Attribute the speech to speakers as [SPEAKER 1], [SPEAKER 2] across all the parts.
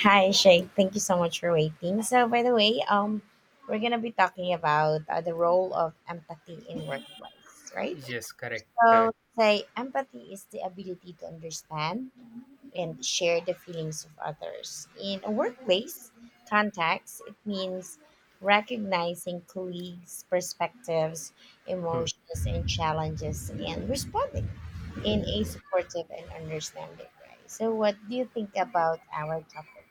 [SPEAKER 1] Hi, Shay. Thank you so much for waiting. So, by the way, we're gonna be talking about the role of empathy in workplace, right?
[SPEAKER 2] Yes, correct,
[SPEAKER 1] So,
[SPEAKER 2] correct.
[SPEAKER 1] say empathy is the ability to understand and share the feelings of others. In a workplace context, it means recognizing colleagues' perspectives,
[SPEAKER 2] Hmm.
[SPEAKER 1] emotions, and challenges, and responding in a supportive and understanding way. So, what do you think about our topic?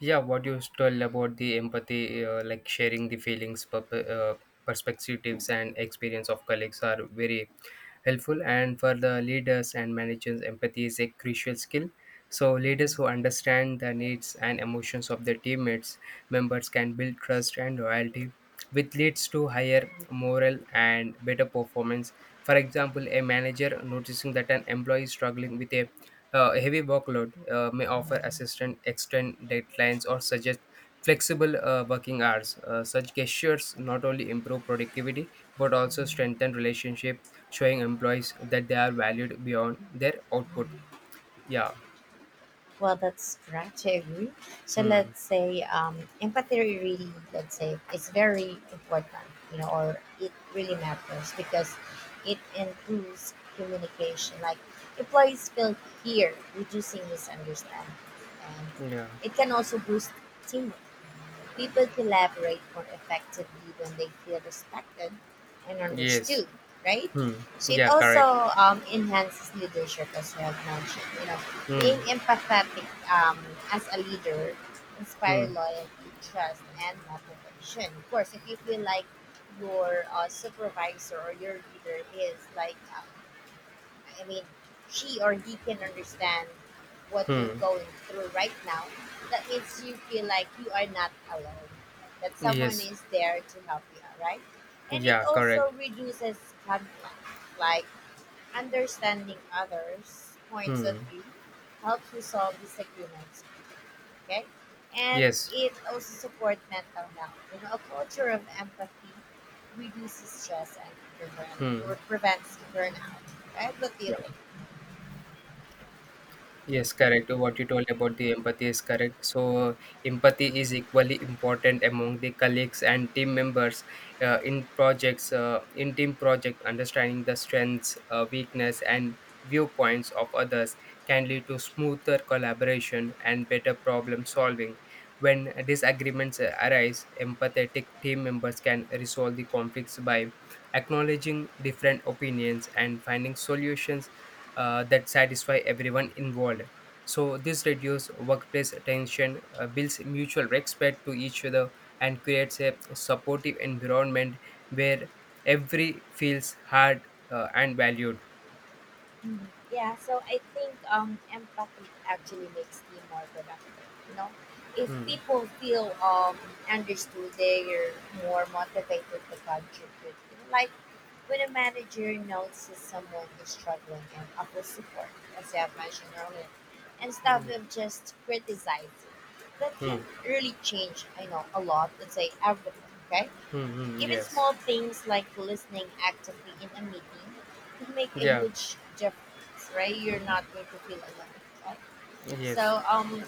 [SPEAKER 2] Yeah, what you told about the empathy, like sharing the feelings, perspectives, and experience of colleagues are very helpful. And for the leaders and managers, empathy is a crucial skill. So, leaders who understand the needs and emotions of their teammates members can build trust and loyalty, which leads to higher morale and better performance. For example, a manager noticing that an employee is struggling with a heavy workload may offer assistance, extend deadlines or suggest flexible working hours. Such gestures not only improve productivity but also strengthen relationship, showing employees that they are valued beyond their output. Yeah.
[SPEAKER 1] Well, that's correct. I agree. So
[SPEAKER 2] Hmm.
[SPEAKER 1] let's say empathy really, let's say, it's very important, you know, or it really matters because it improves communication. Like employees feel here, reducing misunderstanding, and
[SPEAKER 2] Yeah.
[SPEAKER 1] it can also boost teamwork. People collaborate more effectively when they feel respected and
[SPEAKER 2] Yes.
[SPEAKER 1] understood, right?
[SPEAKER 2] Hmm.
[SPEAKER 1] So it
[SPEAKER 2] Yeah.
[SPEAKER 1] also
[SPEAKER 2] Correct.
[SPEAKER 1] enhances leadership, as you have mentioned. You know, being
[SPEAKER 2] Hmm.
[SPEAKER 1] empathetic as a leader
[SPEAKER 2] Hmm.
[SPEAKER 1] inspire loyalty, trust, and motivation. Of course, if you feel like your supervisor or your leader is like I mean, she or he can understand what you're
[SPEAKER 2] Hmm.
[SPEAKER 1] going through right now, that makes you feel like you are not alone, that someone
[SPEAKER 2] Yes.
[SPEAKER 1] is there to help you, right? And it
[SPEAKER 2] Yeah. Correct.
[SPEAKER 1] also reduces conflict, like understanding others' points of
[SPEAKER 2] Hmm.
[SPEAKER 1] view helps you solve disagreements, okay? And
[SPEAKER 2] Yes.
[SPEAKER 1] it also supports mental health. You know, a culture of empathy reduces stress and
[SPEAKER 2] Hmm.
[SPEAKER 1] prevents burnout, right? What do you
[SPEAKER 2] Yeah.
[SPEAKER 1] think?
[SPEAKER 2] Yes, correct. What you told about the empathy is correct. So, empathy is equally important among the colleagues and team members in projects, in team project, understanding the strengths, weakness, and viewpoints of others can lead to smoother collaboration and better problem solving. When disagreements arise, empathetic team members can resolve the conflicts by acknowledging different opinions and finding solutions that satisfy everyone involved. So this reduces workplace tension, builds mutual respect to each other, and creates a supportive environment where every feels heard and valued.
[SPEAKER 1] Mhm. Yeah, so I think empathy actually makes you more productive. You know, if
[SPEAKER 2] Hmm.
[SPEAKER 1] people feel understood, they're more motivated to contribute. You know, like when a manager notices someone is struggling and offers support, as I have mentioned earlier, instead
[SPEAKER 2] Yeah.
[SPEAKER 1] of just criticizing, that can
[SPEAKER 2] Hmm.
[SPEAKER 1] really change. I know a lot. Let's say everything. Okay,
[SPEAKER 2] Hmm. hmm.
[SPEAKER 1] even
[SPEAKER 2] Yes.
[SPEAKER 1] small things like listening actively in a meeting can make a
[SPEAKER 2] Yeah.
[SPEAKER 1] huge difference, right? You're not going to feel alone. Right?
[SPEAKER 2] Yes.
[SPEAKER 1] So,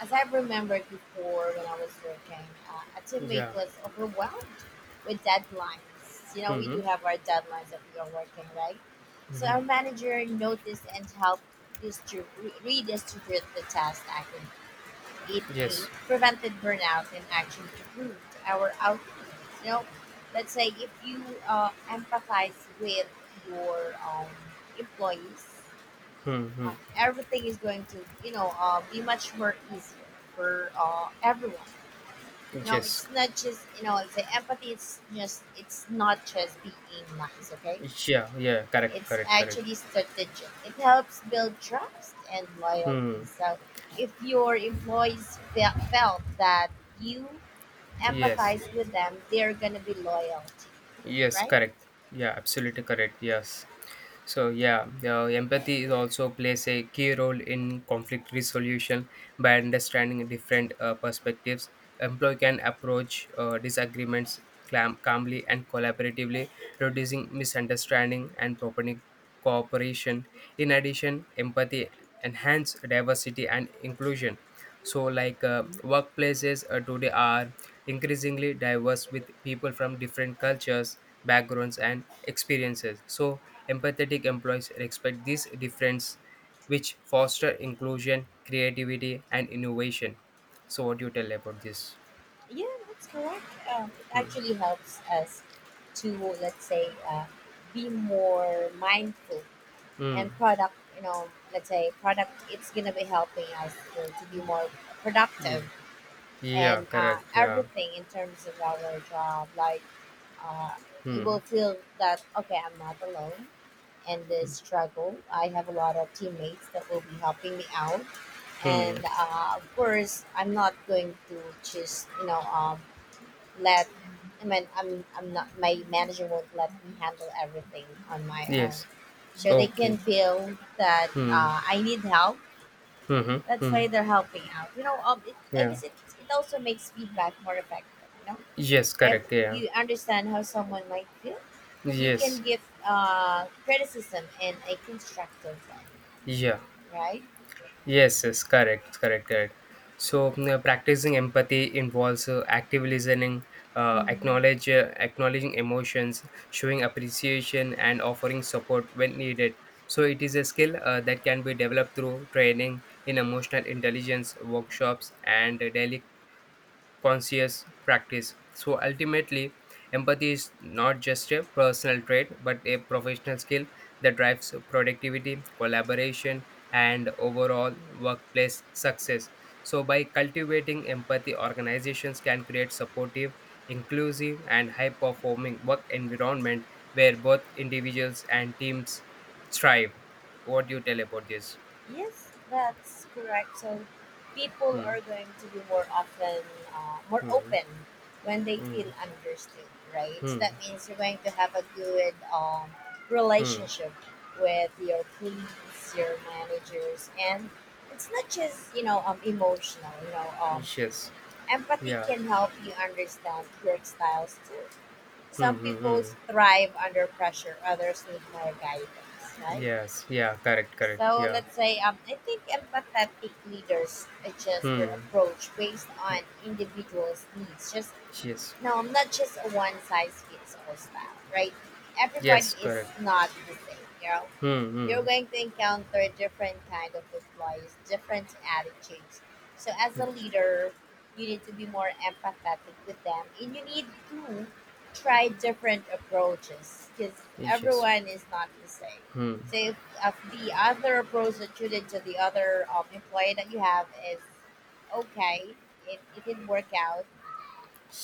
[SPEAKER 1] as I remembered before when I was working, a teammate
[SPEAKER 2] Yeah.
[SPEAKER 1] was overwhelmed with deadlines. You know,
[SPEAKER 2] Hmm.
[SPEAKER 1] we
[SPEAKER 2] Hmm.
[SPEAKER 1] do have our deadlines that we are working, right? So
[SPEAKER 2] Hmm.
[SPEAKER 1] our manager noticed and helped distrib- redistribute the task accurately. It A,
[SPEAKER 2] Yes.
[SPEAKER 1] prevented burnout and actually improved our output. You know, let's say if you empathize with your employees,
[SPEAKER 2] Hmm. hmm.
[SPEAKER 1] everything is going to, you know, be much more easier for everyone. You know,
[SPEAKER 2] Yes.
[SPEAKER 1] it's not just, you know, let's say empathy, it's just, it's not just being nice, okay?
[SPEAKER 2] Yeah. Yeah. Correct.
[SPEAKER 1] It's
[SPEAKER 2] Correct. Correct.
[SPEAKER 1] actually strategic. It helps build trust and
[SPEAKER 2] Hmm.
[SPEAKER 1] loyalty. So if your employees felt that you
[SPEAKER 2] Yes.
[SPEAKER 1] empathize with them, they're going to be loyal to you,
[SPEAKER 2] Yes,
[SPEAKER 1] right?
[SPEAKER 2] correct. Yeah, absolutely correct. Yes. So yeah, empathy is also plays a key role in conflict resolution by understanding different perspectives. Employee can approach disagreements calmly and collaboratively, reducing misunderstanding and prompting cooperation. In addition, empathy enhance diversity and inclusion. So, like workplaces today are increasingly diverse with people from different cultures, backgrounds, and experiences. So, empathetic employees respect this difference, which foster inclusion, creativity, and innovation. So, what do you tell about this?
[SPEAKER 1] Yeah, that's correct. It
[SPEAKER 2] Hmm.
[SPEAKER 1] actually helps us to, let's say, be more mindful and
[SPEAKER 2] Hmm.
[SPEAKER 1] product, you know, let's say product, it's going to be helping us to be more
[SPEAKER 2] Yeah.
[SPEAKER 1] productive
[SPEAKER 2] Yeah.
[SPEAKER 1] and
[SPEAKER 2] Correct. Yeah.
[SPEAKER 1] everything in terms of our job, like uh, you will
[SPEAKER 2] Hmm.
[SPEAKER 1] feel that okay, I'm not alone in this struggle. I have a lot of teammates that will be helping me out,
[SPEAKER 2] Hmm.
[SPEAKER 1] and of course I'm not going to just, you know, let I mean I'm not, my manager won't let me handle everything on my own,
[SPEAKER 2] Yes.
[SPEAKER 1] so they can
[SPEAKER 2] Okay.
[SPEAKER 1] feel that
[SPEAKER 2] Hmm.
[SPEAKER 1] I need help.
[SPEAKER 2] Mhm. Hmm.
[SPEAKER 1] That's
[SPEAKER 2] hmm.
[SPEAKER 1] why they're helping out, you know, I
[SPEAKER 2] Yeah.
[SPEAKER 1] guess it also makes feedback more effective. You know,
[SPEAKER 2] Yes.
[SPEAKER 1] if
[SPEAKER 2] Correct. Yeah.
[SPEAKER 1] you understand how someone might feel, you
[SPEAKER 2] Yes.
[SPEAKER 1] can give criticism in a constructive way,
[SPEAKER 2] Yeah.
[SPEAKER 1] right?
[SPEAKER 2] Yes. Yes. Correct. Correct. Correct. So practicing empathy involves active listening,
[SPEAKER 1] Mm.
[SPEAKER 2] acknowledge acknowledging emotions, showing appreciation, and offering support when needed. So it is a skill that can be developed through training in emotional intelligence workshops and daily conscious practice. So ultimately, empathy is not just a personal trait, but a professional skill that drives productivity, collaboration, and overall workplace success. So, by cultivating empathy, organizations can create supportive, inclusive, and high performing work environment where both individuals and teams thrive. What do you tell about this?
[SPEAKER 1] Yes, that's correct. So people
[SPEAKER 2] Hmm.
[SPEAKER 1] are going to be more often, more
[SPEAKER 2] Hmm.
[SPEAKER 1] open when they feel
[SPEAKER 2] Hmm.
[SPEAKER 1] understood, right? So that
[SPEAKER 2] Hmm.
[SPEAKER 1] means you're going to have a good
[SPEAKER 2] Hmm.
[SPEAKER 1] relationship with your colleagues, your managers, and it's not just, you know, emotional. You know,
[SPEAKER 2] Yes.
[SPEAKER 1] empathy
[SPEAKER 2] Yeah.
[SPEAKER 1] can help you understand work styles too.
[SPEAKER 2] Hmm,
[SPEAKER 1] Some
[SPEAKER 2] hmm,
[SPEAKER 1] people
[SPEAKER 2] hmm.
[SPEAKER 1] thrive under pressure, others need more guidance, right?
[SPEAKER 2] Yes, yeah, correct, correct.
[SPEAKER 1] So
[SPEAKER 2] Yeah.
[SPEAKER 1] let's say I think empathetic leaders adjust their
[SPEAKER 2] Hmm.
[SPEAKER 1] approach based on individuals' needs, just
[SPEAKER 2] Yes.
[SPEAKER 1] no, I'm not just a one size fits all style, right? Everybody
[SPEAKER 2] Yes,
[SPEAKER 1] is
[SPEAKER 2] correct.
[SPEAKER 1] not the same, you know.
[SPEAKER 2] Hmm,
[SPEAKER 1] You're
[SPEAKER 2] hmm.
[SPEAKER 1] going to encounter different kind of employees, different attitudes. So as a leader, you need to be more empathetic with them and you need to try different approaches because
[SPEAKER 2] Yes.
[SPEAKER 1] everyone is not the same.
[SPEAKER 2] Hmm.
[SPEAKER 1] So if the other approach that you did to the other employee that you have is okay, it didn't work out,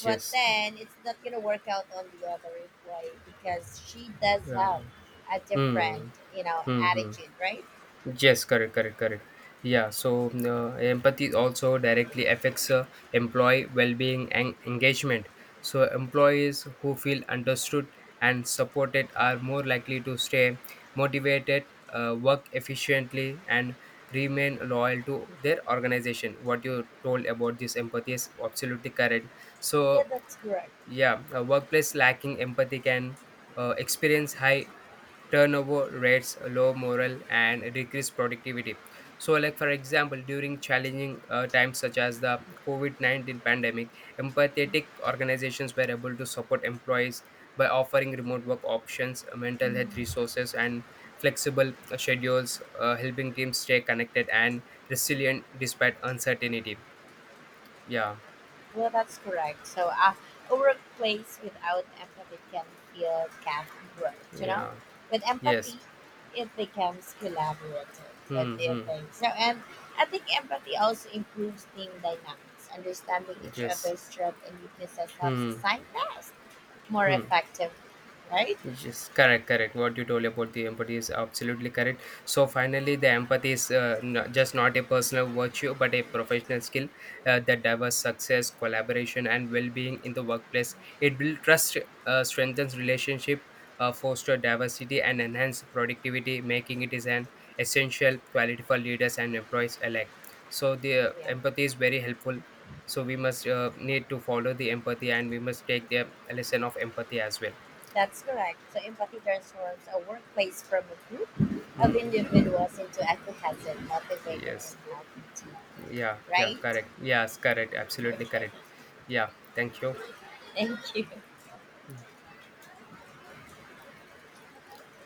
[SPEAKER 1] but
[SPEAKER 2] Yes.
[SPEAKER 1] then it's not gonna work out on the other employee because she does have
[SPEAKER 2] Yeah.
[SPEAKER 1] a different,
[SPEAKER 2] Hmm.
[SPEAKER 1] you know,
[SPEAKER 2] Hmm. hmm.
[SPEAKER 1] attitude, right?
[SPEAKER 2] Yes, correct, correct, correct. Yeah, so empathy also directly affects employee well-being and engagement. So employees who feel understood and supported are more likely to stay motivated, work efficiently, and remain loyal to their organization. What you told about this empathy is absolutely correct.
[SPEAKER 1] Yeah,
[SPEAKER 2] So
[SPEAKER 1] that's correct.
[SPEAKER 2] yeah, a workplace lacking empathy can experience high turnover rates, low morale, and decreased productivity. So, like for example, during challenging times such as the COVID 19 pandemic, empathetic organizations were able to support employees by offering remote work options, mental health
[SPEAKER 1] Mm,
[SPEAKER 2] resources, and flexible schedules, helping teams stay connected and resilient despite uncertainty. Yeah,
[SPEAKER 1] well, that's correct. So a workplace without empathy can feel cutthroat, you know.
[SPEAKER 2] yeah,
[SPEAKER 1] With empathy,
[SPEAKER 2] yes.
[SPEAKER 1] it becomes collaborative. What
[SPEAKER 2] Hmm.
[SPEAKER 1] do you
[SPEAKER 2] hmm.
[SPEAKER 1] think? So, and I think empathy also improves team dynamics. Understanding each
[SPEAKER 2] Yes.
[SPEAKER 1] other's strengths and weaknesses helps
[SPEAKER 2] Hmm.
[SPEAKER 1] assign tasks more
[SPEAKER 2] Hmm.
[SPEAKER 1] effective, right?
[SPEAKER 2] Yes, yes, correct, correct. What you told about the empathy is absolutely correct. So finally, the empathy is just not a personal virtue, but a professional skill that delivers success, collaboration, and well-being in the workplace. It builds trust, strengthens relationship, foster diversity, and enhance productivity, making it is an essential quality for leaders and employees alike. So the
[SPEAKER 1] Yeah.
[SPEAKER 2] empathy is very helpful. So we must need to follow the empathy, and we must take the lesson of empathy as well.
[SPEAKER 1] That's correct. So empathy transforms a workplace from a group of
[SPEAKER 2] Hmm.
[SPEAKER 1] individuals into a cohesive, motivated,
[SPEAKER 2] Yes.
[SPEAKER 1] and healthy team.
[SPEAKER 2] Yeah. Yeah.
[SPEAKER 1] Right?
[SPEAKER 2] Correct. Yes. Correct. Absolutely correct.
[SPEAKER 1] Okay.
[SPEAKER 2] Yeah. Thank you.
[SPEAKER 1] Thank you.